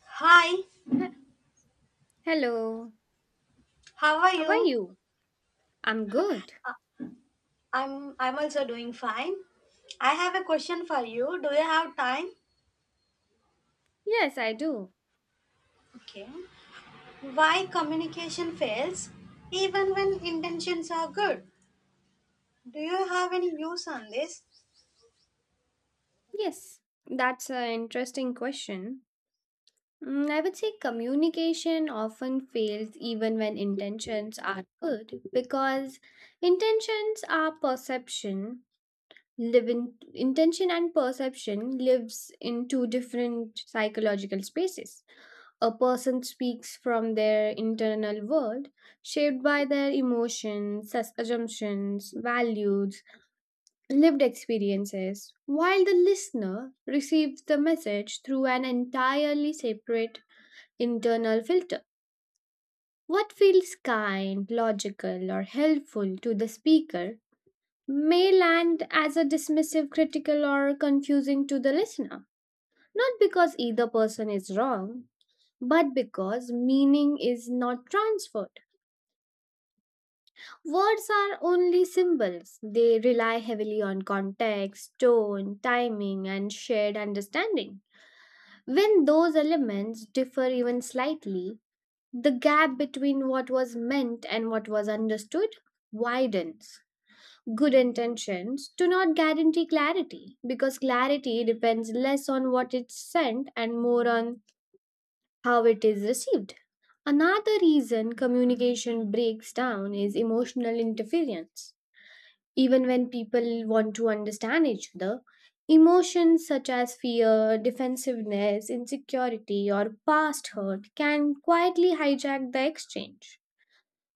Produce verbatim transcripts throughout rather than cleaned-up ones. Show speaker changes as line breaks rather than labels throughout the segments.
Hi,
He- Hello,
how are
how are
you?
you? I'm good.
I'm I'm also doing fine. I have a question for you. Do you have time?
Yes, I do.
Okay. Why communication fails even when intentions are good? Do you have any views on this?
Yes, that's an interesting question. Mm, I would say communication often fails even when intentions are good because intentions are perception. Live in intention and perception lives in two different psychological spaces. A person speaks from their internal world, shaped by their emotions, sus- assumptions, values, lived experiences, while the listener receives the message through an entirely separate internal filter. What feels kind, logical, or helpful to the speaker may land as a dismissive, critical, or confusing to the listener, not because either person is wrong. But because meaning is not transferred. Words are only symbols. They rely heavily on context, tone, timing, and shared understanding. When those elements differ even slightly, the gap between what was meant and what was understood widens. Good intentions do not guarantee clarity because clarity depends less on what is sent and more on how it is received. Another reason communication breaks down is emotional interference. Even when people want to understand each other, emotions such as fear, defensiveness, insecurity, or past hurt can quietly hijack the exchange.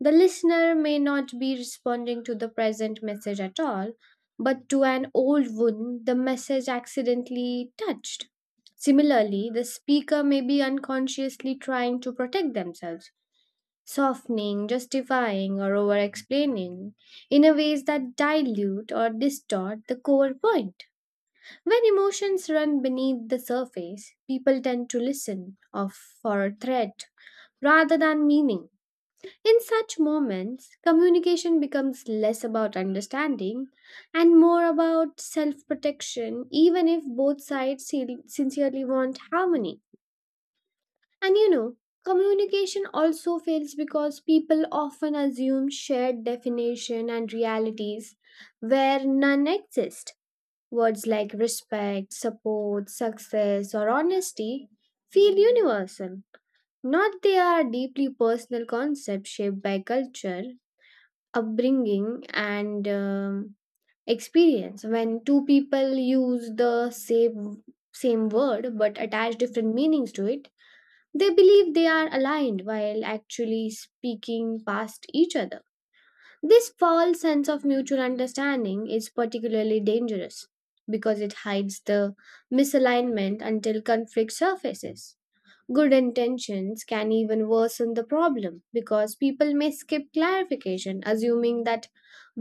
The listener may not be responding to the present message at all, but to an old wound the message accidentally touched. Similarly, the speaker may be unconsciously trying to protect themselves softening, justifying, or over explaining in a ways that dilute or distort the core point. When emotions run beneath the surface, people tend to listen of for a threat rather than meaning. In such moments, communication becomes less about understanding and more about self protection, even if both sides sin- sincerely want harmony. And you know, communication also fails because people often assume shared definition and realities where none exist. Words like respect, support, success, or honesty feel universal. Not they are deeply personal concepts shaped by culture, upbringing, and um, experience. When two people use the same same word but attach different meanings to it, they believe they are aligned while actually speaking past each other. This false sense of mutual understanding is particularly dangerous because it hides the misalignment until conflict surfaces. Good intentions can even worsen the problem because people may skip clarification, assuming that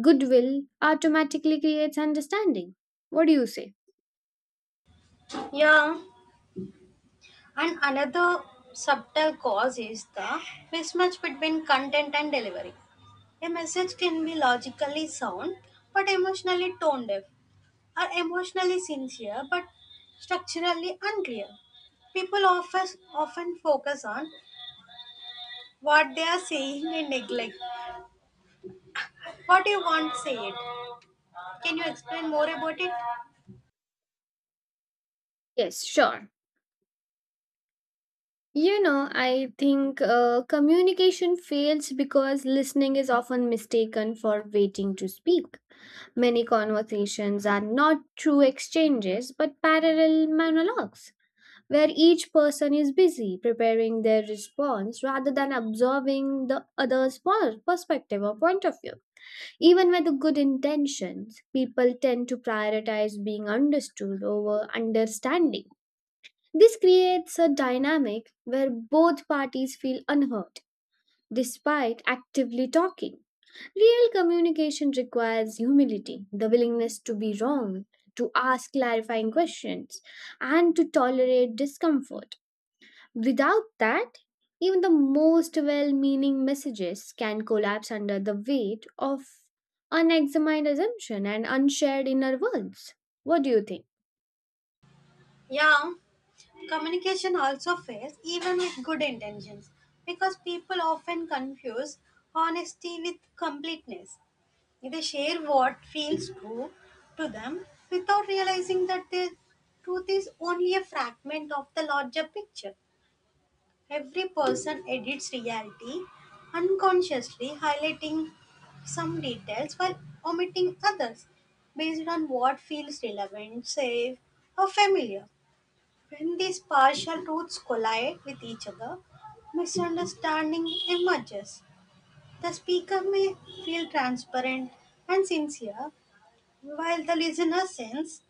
goodwill automatically creates understanding. What do you say?
Yeah. And another subtle cause is the mismatch between content and delivery. A message can be logically sound but emotionally tone deaf. Are emotionally sincere but structurally unclear. People often, often focus on what they are saying and neglect what you want said. Can you explain more about it?
Yes, sure. You know, I think uh, communication fails because listening is often mistaken for waiting to speak. Many conversations are not true exchanges but parallel monologues, where each person is busy preparing their response rather than observing the other's per- perspective or point of view. Even with good intentions, people tend to prioritize being understood over understanding this creates a dynamic where both parties feel unhurt despite actively talking. Real communication requires humility, the willingness to be wrong, to ask clarifying questions, and to tolerate discomfort. Without that, even the most well meaning messages can collapse under the weight of unexamined assumption and unshared inner worlds. What do you think?
Yeah, communication also fails even with good intentions because people often confuse honesty with completeness. They share what feels true to them without realizing that the truth is only a fragment of the larger picture. Every person edits reality unconsciously, highlighting some details while omitting others based on what feels relevant, safe, or familiar. When these partial routes collide with each other, misunderstanding emerges. The speaker may feel transparent and sincere, while the listener sense,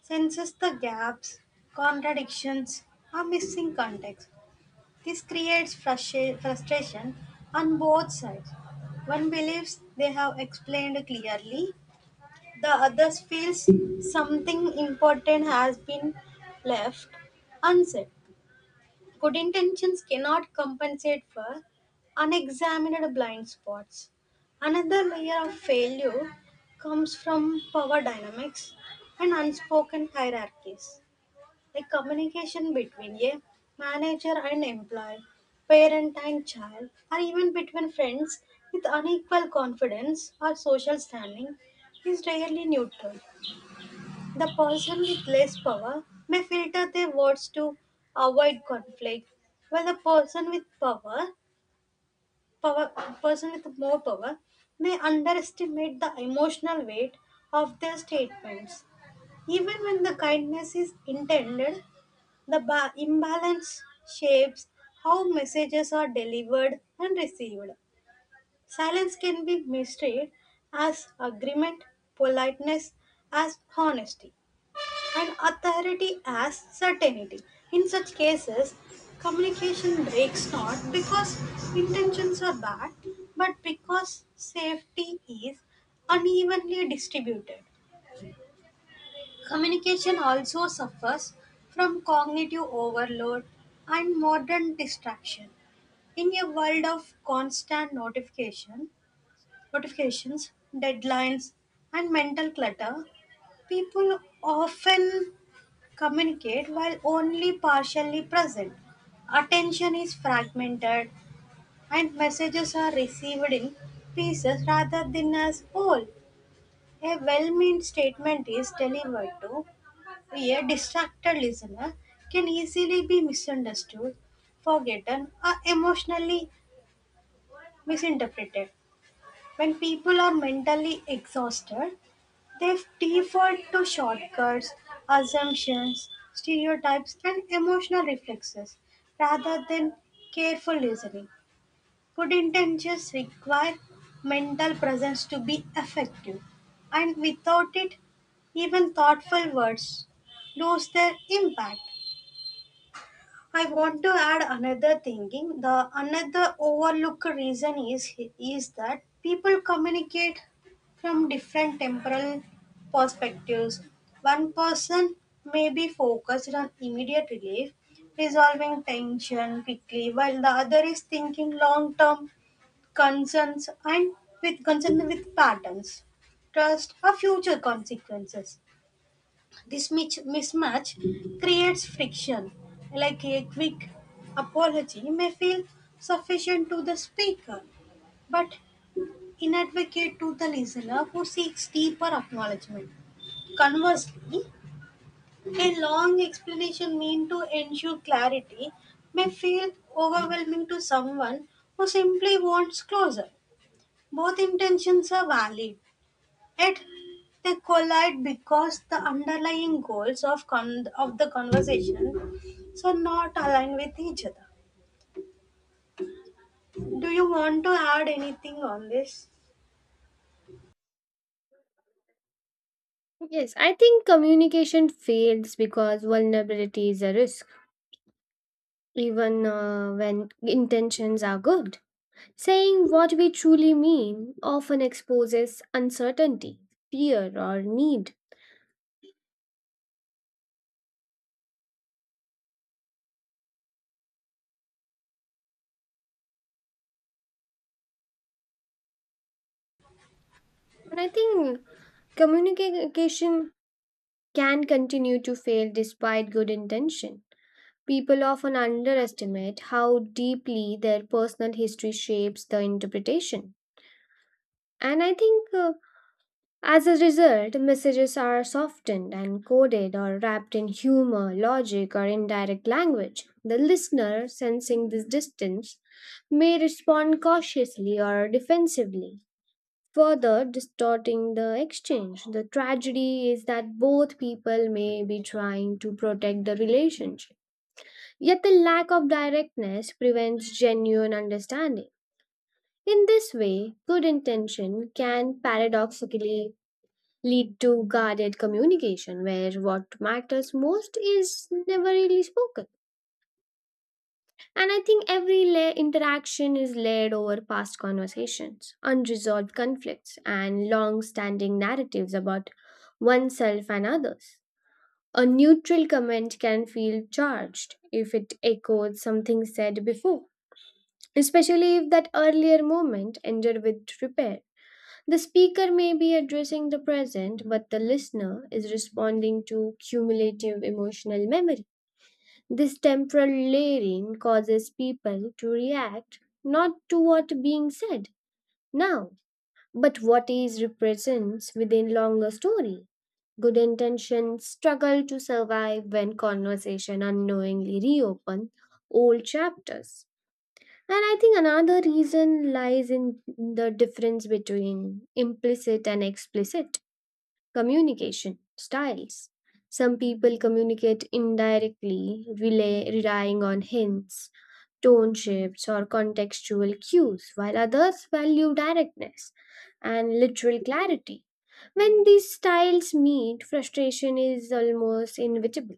senses the gaps, contradictions, or missing context. This creates frustra- frustration on both sides. One believes they have explained clearly, the other feels something important has been left unsaid. Good intentions cannot compensate for unexamined blind spots. Another layer of failure comes from power dynamics and unspoken hierarchies, like communication between a manager and employee, parent and child, or even between friends with unequal confidence or social standing is rarely neutral. The person with less power may filter their words to avoid conflict, while the person with power, power person with more power may underestimate the emotional weight of their statements. Even when the kindness is intended, the ba- imbalance shapes how messages are delivered and received. Silence can be misread as agreement, politeness as honesty, and authority as certainty. In such cases, communication breaks not because intentions are bad, but because safety is unevenly distributed. Communication also suffers from cognitive overload and modern distraction. In a world of constant notification, notifications, deadlines, and mental clutter, people often communicate while only partially present. Attention is fragmented and messages are received in pieces rather than as whole. A well meant statement is delivered to a distracted listener can easily be misunderstood, forgotten, or emotionally misinterpreted. When people are mentally exhausted, they default to shortcuts, assumptions, stereotypes, and emotional reflexes rather than careful listening. Good intentions require mental presence to be effective, and without it, even thoughtful words lose their impact. I want to add another thinking. The another overlooked reason is is that people communicate from different temporal perspectives. One person may be focused on immediate relief, resolving tension quickly, while the other is thinking long-term concerns and with concern with patterns, trust, or future consequences. This mich- mismatch creates friction, like a quick apology may feel sufficient to the speaker, but inadequate to the listener who seeks deeper acknowledgement. Conversely, a long explanation meant to ensure clarity may feel overwhelming to someone who simply wants closure. Both intentions are valid, it they collide because the underlying goals of con- of the conversation so not aligned with each other. Do you want to add anything on this?
Yes, I think communication fails because vulnerability is a risk, even uh, when intentions are good. Saying what we truly mean often exposes uncertainty, fear, or need. And I think communication can continue to fail despite good intention. People often underestimate how deeply their personal history shapes the interpretation. And I think uh, as a result, messages are softened and coded or wrapped in humor, logic, or indirect language. The listener, sensing this distance, may respond cautiously or defensively, further distorting the exchange. The tragedy is that both people may be trying to protect the relationship, yet the lack of directness prevents genuine understanding. In this way, good intention can paradoxically lead to guarded communication where what matters most is never really spoken. And I think every la- interaction is layered over past conversations, unresolved conflicts, and long standing narratives about oneself and others. A neutral comment can feel charged if it echoes something said before, especially if that earlier moment ended with repair. The speaker may be addressing the present, but the listener is responding to cumulative emotional memory. This temporal layering causes people to react not to what being said now, but what is represents within longer story. Good intentions struggle to survive when conversation unknowingly reopen old chapters. And I think another reason lies in the difference between implicit and explicit communication styles. Some people communicate indirectly, relay, relying on hints, tone shifts, or contextual cues, while others value directness and literal clarity. When these styles meet, frustration is almost inevitable.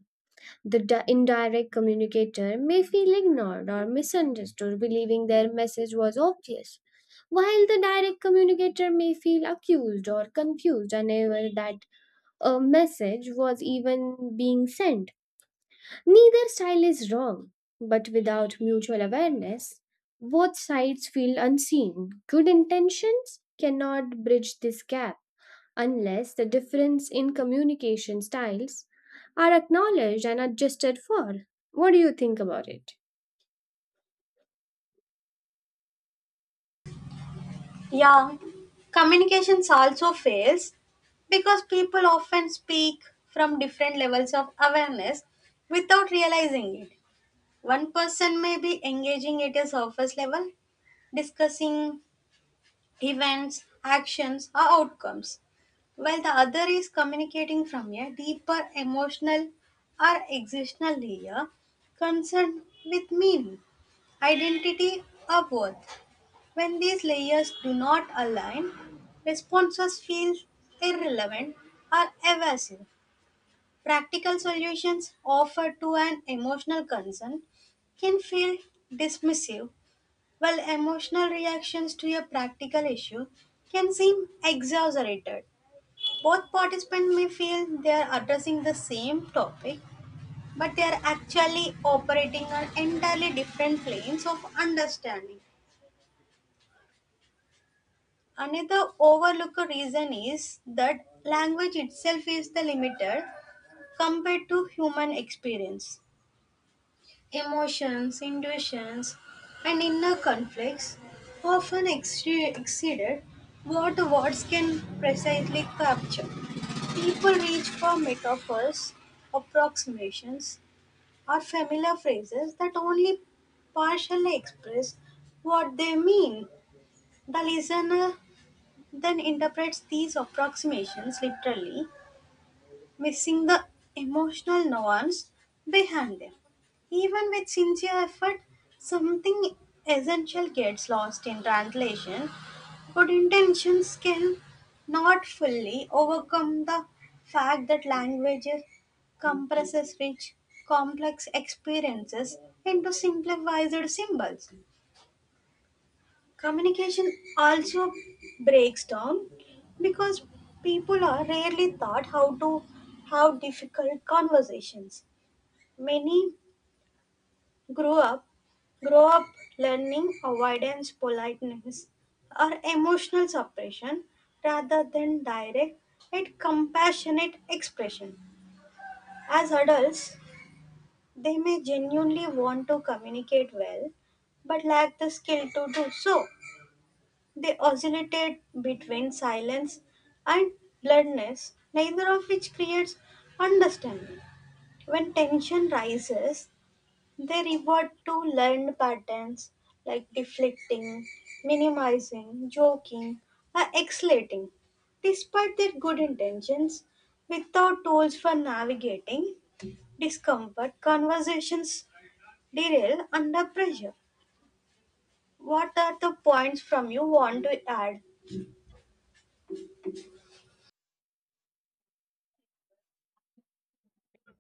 The di- indirect communicator may feel ignored or misunderstood, believing their message was obvious, while the direct communicator may feel accused or confused, unaware that a message was even being sent. Neither style is wrong, but without mutual awareness, both sides feel unseen. Good intentions cannot bridge this gap unless the difference in communication styles are acknowledged and adjusted for. What do you think about it?
Yeah, Communications also fails because people often speak from different levels of awareness without realizing it. One person may be engaging at a surface level, discussing events, actions, or outcomes, while the other is communicating from a deeper emotional or existential layer concerned with meaning, identity, or worth. When these layers do not align, responses feel irrelevant or evasive. Practical solutions offered to an emotional concern can feel dismissive well, emotional reactions to a practical issue can seem exaggerated. Both participants may feel they are addressing the same topic, but they are actually operating on entirely different planes of understanding. Another overlooked reason is that language itself is the limiter compared to human experience. Emotions, intuitions, and inner conflicts often exce- exceeded what words can precisely capture. People reach for metaphors, approximations, or familiar phrases that only partially express what they mean. The listener then interprets these approximations literally missing the emotional nuance behind them. Even with sincere effort, something essential gets lost in translation. Good intentions can not fully overcome the fact that language compresses rich, complex experiences into simplified symbols. Communication also breaks down because people are rarely taught how to have difficult conversations. Many grow up grow up learning avoidance, politeness, or emotional suppression rather than direct and compassionate expression. As adults, they may genuinely want to communicate well but lack the skill to do so. They oscillated between silence and blurredness, neither of which creates understanding. When tension rises, they revert to learned patterns like deflecting, minimizing, joking, or exhalating. Despite their good intentions, without tools for navigating discomfort, conversations derail under pressure. What are the points from you want to add?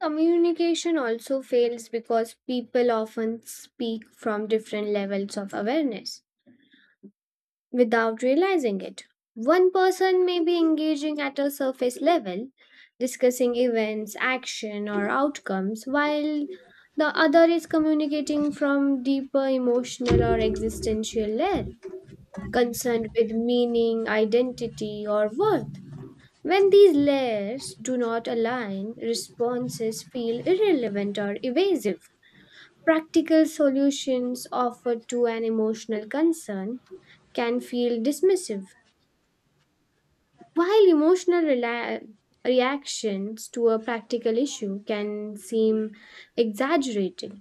Communication also fails because people often speak from different levels of awareness without realizing it. One person may be engaging at a surface level, discussing events, action, or outcomes, while the other is communicating from deeper emotional or existential layer, concerned with meaning, identity, or worth. When these layers do not align, responses feel irrelevant or evasive practical solutions offered to an emotional concern can feel dismissive, while emotional rela- reactions to a practical issue can seem exaggerated.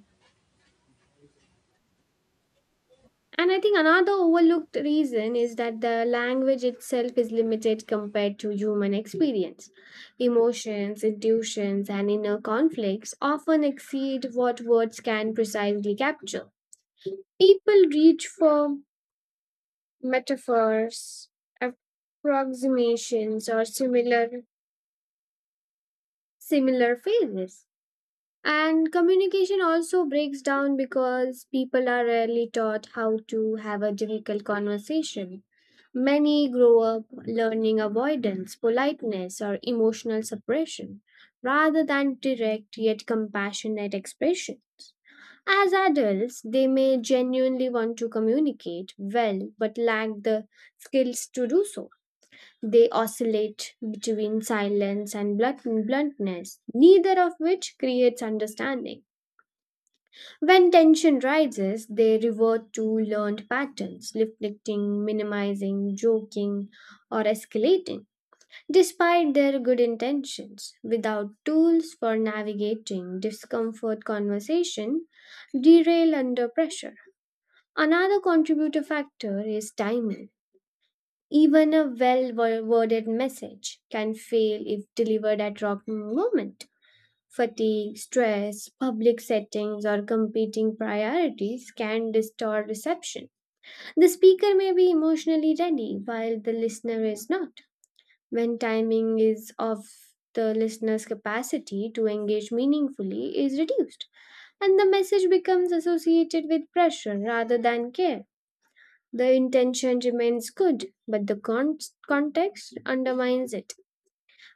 And I think another overlooked reason is that the language itself is limited compared to human experience. Emotions, intuitions, and inner conflicts often exceed what words can precisely capture. People reach for metaphors, approximations, or similar similar phrases. And communication also breaks down because people are rarely taught how to have a difficult conversation. Many grow up learning avoidance, politeness, or emotional suppression rather than direct yet compassionate expression. As adults, they may genuinely want to communicate well but lack the skills to do so. They oscillate between silence and blunt- bluntness, neither of which creates understanding. When tension rises, they revert to learned patterns, reflecting, minimizing, joking, or escalating, despite their good intentions. Without tools for navigating discomfort, conversation derail under pressure. Another contributor factor is timing. Even a well wo- worded message can fail if delivered at wrong moment. Fatigue, stress, public settings, or competing priorities can distort reception. The speaker may be emotionally ready while the listener is not. When timing is off, the listener's capacity to engage meaningfully is reduced, and the message becomes associated with pressure rather than care. The intention remains good, but the con- context undermines it.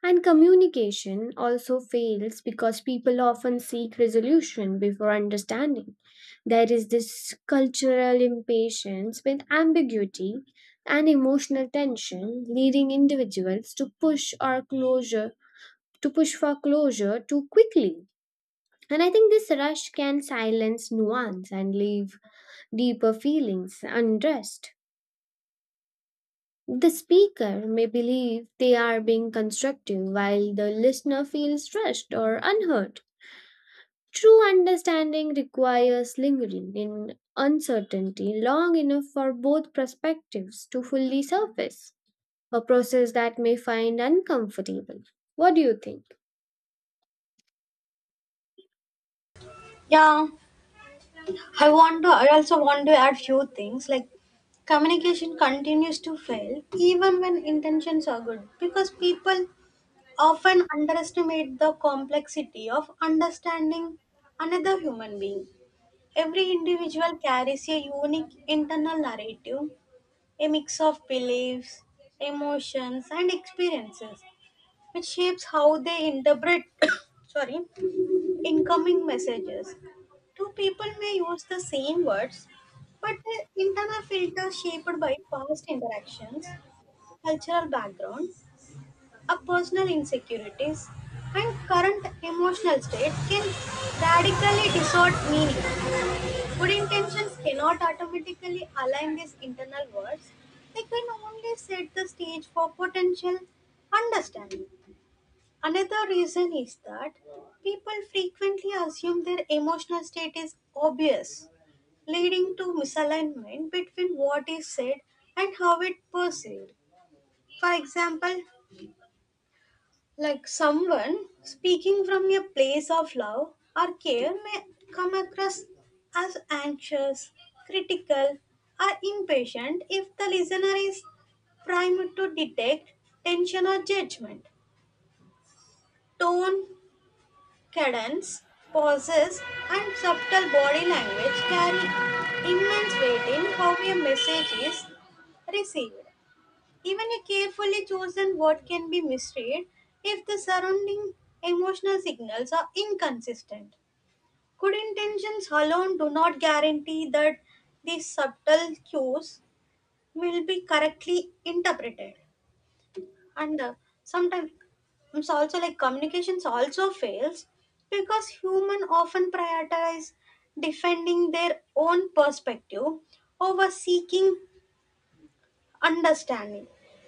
And communication also fails because people often seek resolution before understanding. There is this cultural impatience with ambiguity and emotional tension, leading individuals to push or closure to push for closure too quickly. And I think this rush can silence nuance and leave deeper feelings undressed. The speaker may believe they are being constructive while the listener feels rushed or unheard. True understanding requires lingering in uncertainty long enough for both perspectives to fully surface, a process that may find uncomfortable. What do you think?
Yeah. I want to. I also want to add few things like communication continues to fail even when intentions are good because people often underestimate the complexity of understanding another human being. Every individual carries a unique internal narrative, a mix of beliefs, emotions, and experiences, which shapes how they interpret sorry incoming messages. Two people may use the same words, but their internal filters shaped by past interactions, cultural background, a personal insecurities, and current emotional state can radically distort meaning. Good intentions cannot automatically align these internal words. They can only set the stage for potential understanding. Another reason is that people frequently assume their emotional state is obvious, leading to misalignment between what is said and how it perceived. For example, like someone speaking from a place of love or care may come across as anxious, critical, or impatient if the listener is primed to detect tension or judgment. Tone, cadence, pauses, and subtle body language carry immense weight in how a message is received. Even a carefully chosen word can be misread if the surrounding emotional signals are inconsistent. Good intentions alone do not guarantee that these subtle cues will be correctly interpreted, and uh, sometimes it's also like communications also fails because human often prioritize defending their own perspective over seeking understanding.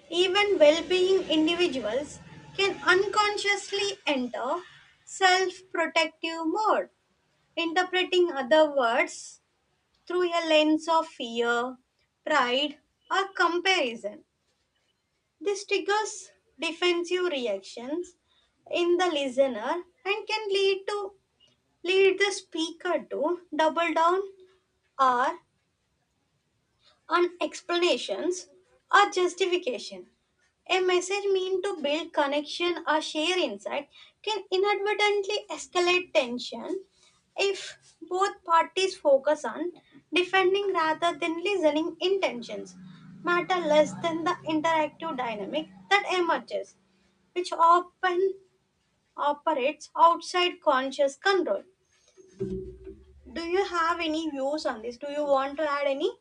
Even well-being individuals can unconsciously enter self-protective mode, interpreting other words through a lens of fear, pride, or comparison. This triggers defensive reactions in the listener and can lead to lead the speaker to double down or on explanations or justification. A message meant to build connection or share insight can inadvertently escalate tension if both parties focus on defending rather than listening. Intentions matter less than the interactive dynamic that emerges, which often operates outside conscious control. Do you have any views on this? Do you want to add any?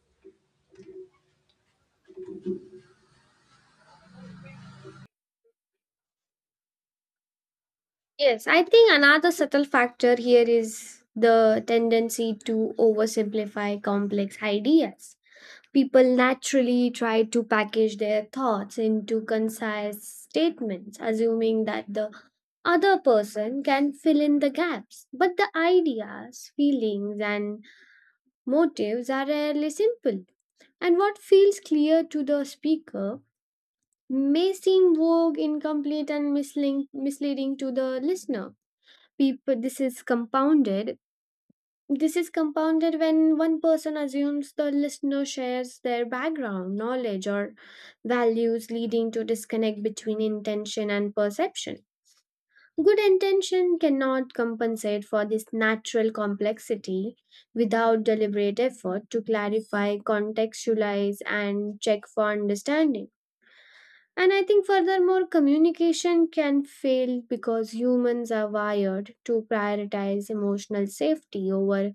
Yes, I think another subtle factor here is the tendency to oversimplify complex ideas. People naturally try to package their thoughts into concise statements, assuming that the other person can fill in the gaps. But the ideas, feelings, and motives are rarely simple. And what feels clear to the speaker may seem vague, incomplete, and misleading misleading to the listener. People, this is compounded this is compounded when one person assumes the listener shares their background, knowledge, or values, leading to disconnect between intention and perception. Good intention cannot compensate for this natural complexity without deliberate effort to clarify, contextualize, and check for understanding. And I think, furthermore, communication can fail because humans are wired to prioritize emotional safety over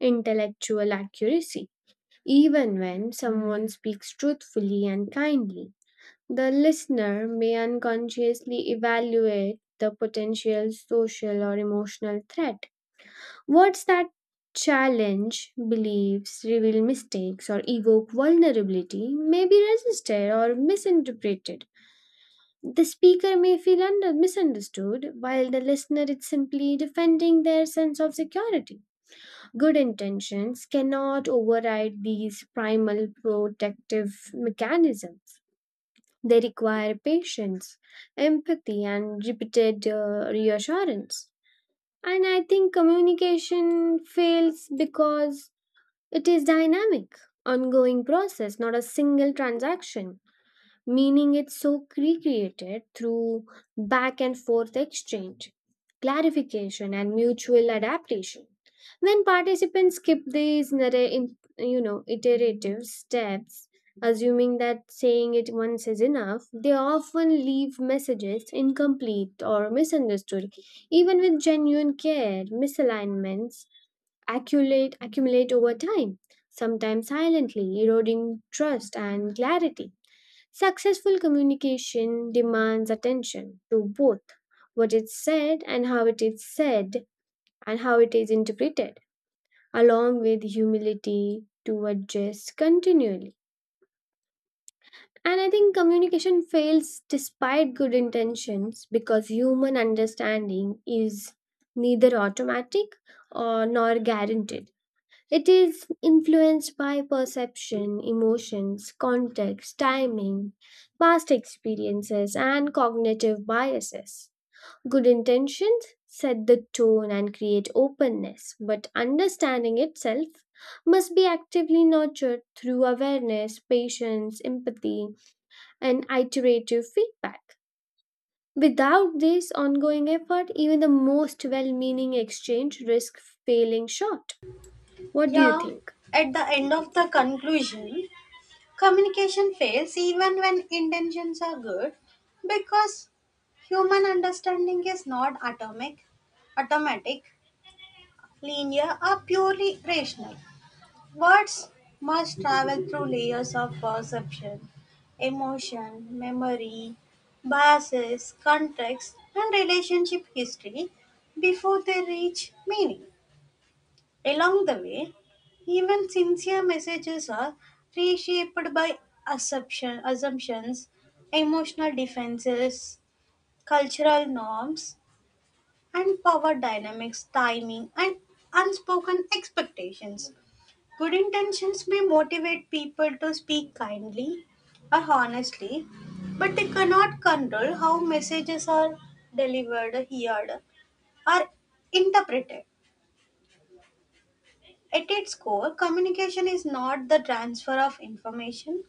intellectual accuracy. Even when someone speaks truthfully and kindly, the listener may unconsciously evaluate the potential social or emotional threat. Words that challenge beliefs, reveal mistakes, or evoke vulnerability may be resisted or misinterpreted. The speaker may feel under- misunderstood, while the listener is simply defending their sense of security. Good intentions cannot override these primal protective mechanisms. They require patience, empathy, and repeated uh, reassurance. And I think communication fails because it is dynamic, ongoing process, not a single transaction, meaning it's so recreated through back and forth exchange clarification and mutual adaptation. When participants skip these narra- in- you know iterative steps, assuming that saying it once is enough, they often leave messages incomplete or misunderstood. Even with genuine care, misalignments accumulate accumulate over time, sometimes silently, eroding trust and clarity. Successful communication demands attention to both what is said and how it is said and how it is interpreted, along with humility to adjust continually. And I think communication fails despite good intentions because human understanding is neither automatic or nor guaranteed. It is influenced by perception, emotions, context, timing, past experiences, and cognitive biases. Good intentions set the tone and create openness, but understanding itself must be actively nurtured through awareness, patience, empathy, and iterative feedback. Without this ongoing effort, even the most well meaning exchange risks failing short. What do you
Yeah,
think?
at the end of the conclusion, communication fails even when intentions are good because human understanding is not atomic, automatic, linear, or purely rational. Words must travel through layers of perception, emotion, memory, biases, context, and relationship history before they reach meaning. Along the way, even sincere messages are reshaped by assumption, assumptions, emotional defenses, cultural norms, and power dynamics, timing, and unspoken expectations. Good intentions may motivate people to speak kindly or honestly, but they cannot control how messages are delivered, heard, or interpreted. At its core, communication is not the transfer of information,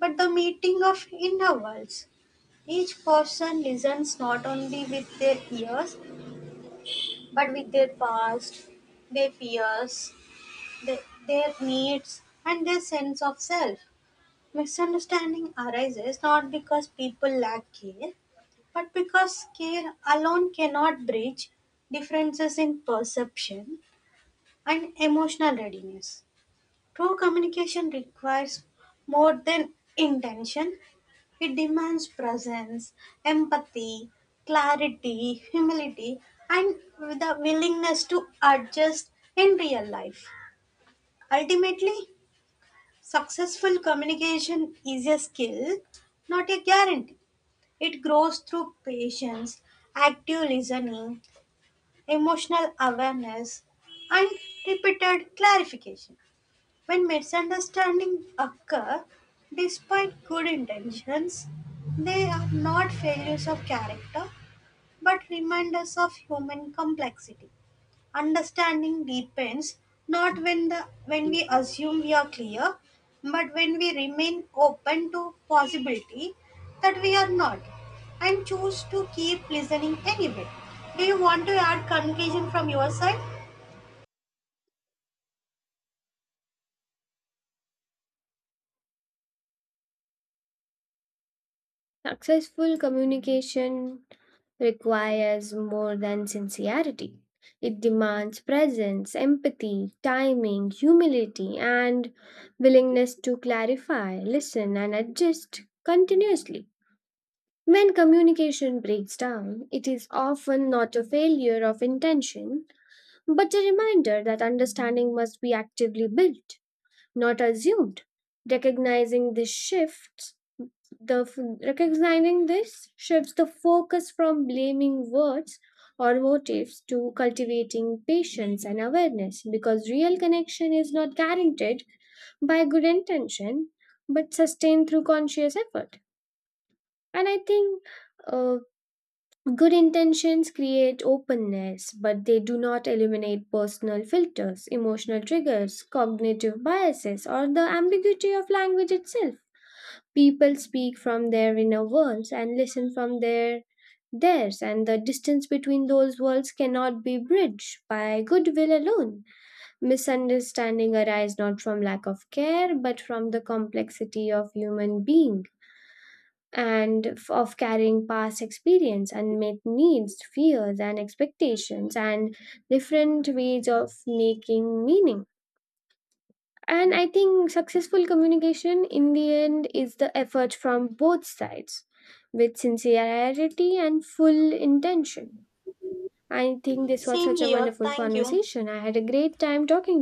but the meeting of inner worlds. Each person listens not only with their ears, but with their past, their fears, their, their needs, and their sense of self. Misunderstanding arises not because people lack care, but because care alone cannot bridge differences in perception and emotional readiness. True communication requires more than intention. It demands presence, empathy, clarity, humility, and the willingness to adjust in real life. Ultimately, successful communication is a skill, not a guarantee. It grows through patience, active listening, emotional awareness, and repeated clarification. When misunderstandings occur, despite good intentions, they are not failures of character but reminders of human complexity. Understanding deepens not when the when we assume we are clear, but when we remain open to possibility that we are not and choose to keep listening anyway. Do you want to add conclusion from your side?
Successful communication requires more than sincerity. It demands presence, empathy, timing, humility, and willingness to clarify, listen, and adjust continuously. When communication breaks down, it is often not a failure of intention, but a reminder that understanding must be actively built not assumed. Recognizing this shifts the f- Recognizing this shifts the focus from blaming words or motives to cultivating patience and awareness because real connection is not guaranteed by good intention but sustained through conscious effort. And I think uh, good intentions create openness, but they do not eliminate personal filters, emotional triggers, cognitive biases, or the ambiguity of language itself. People speak from their inner worlds and listen from their theirs, and the distance between those worlds cannot be bridged by goodwill alone. Misunderstanding arise not from lack of care, but from the complexity of human beings and f- of carrying past experience, unmet needs, fears, and expectations, and different ways of making meaning. And I think successful communication in the end is the effort from both sides with sincerity and full intention. I think this was
Same
such a
here.
wonderful
Thank you.
conversation. I had a great time talking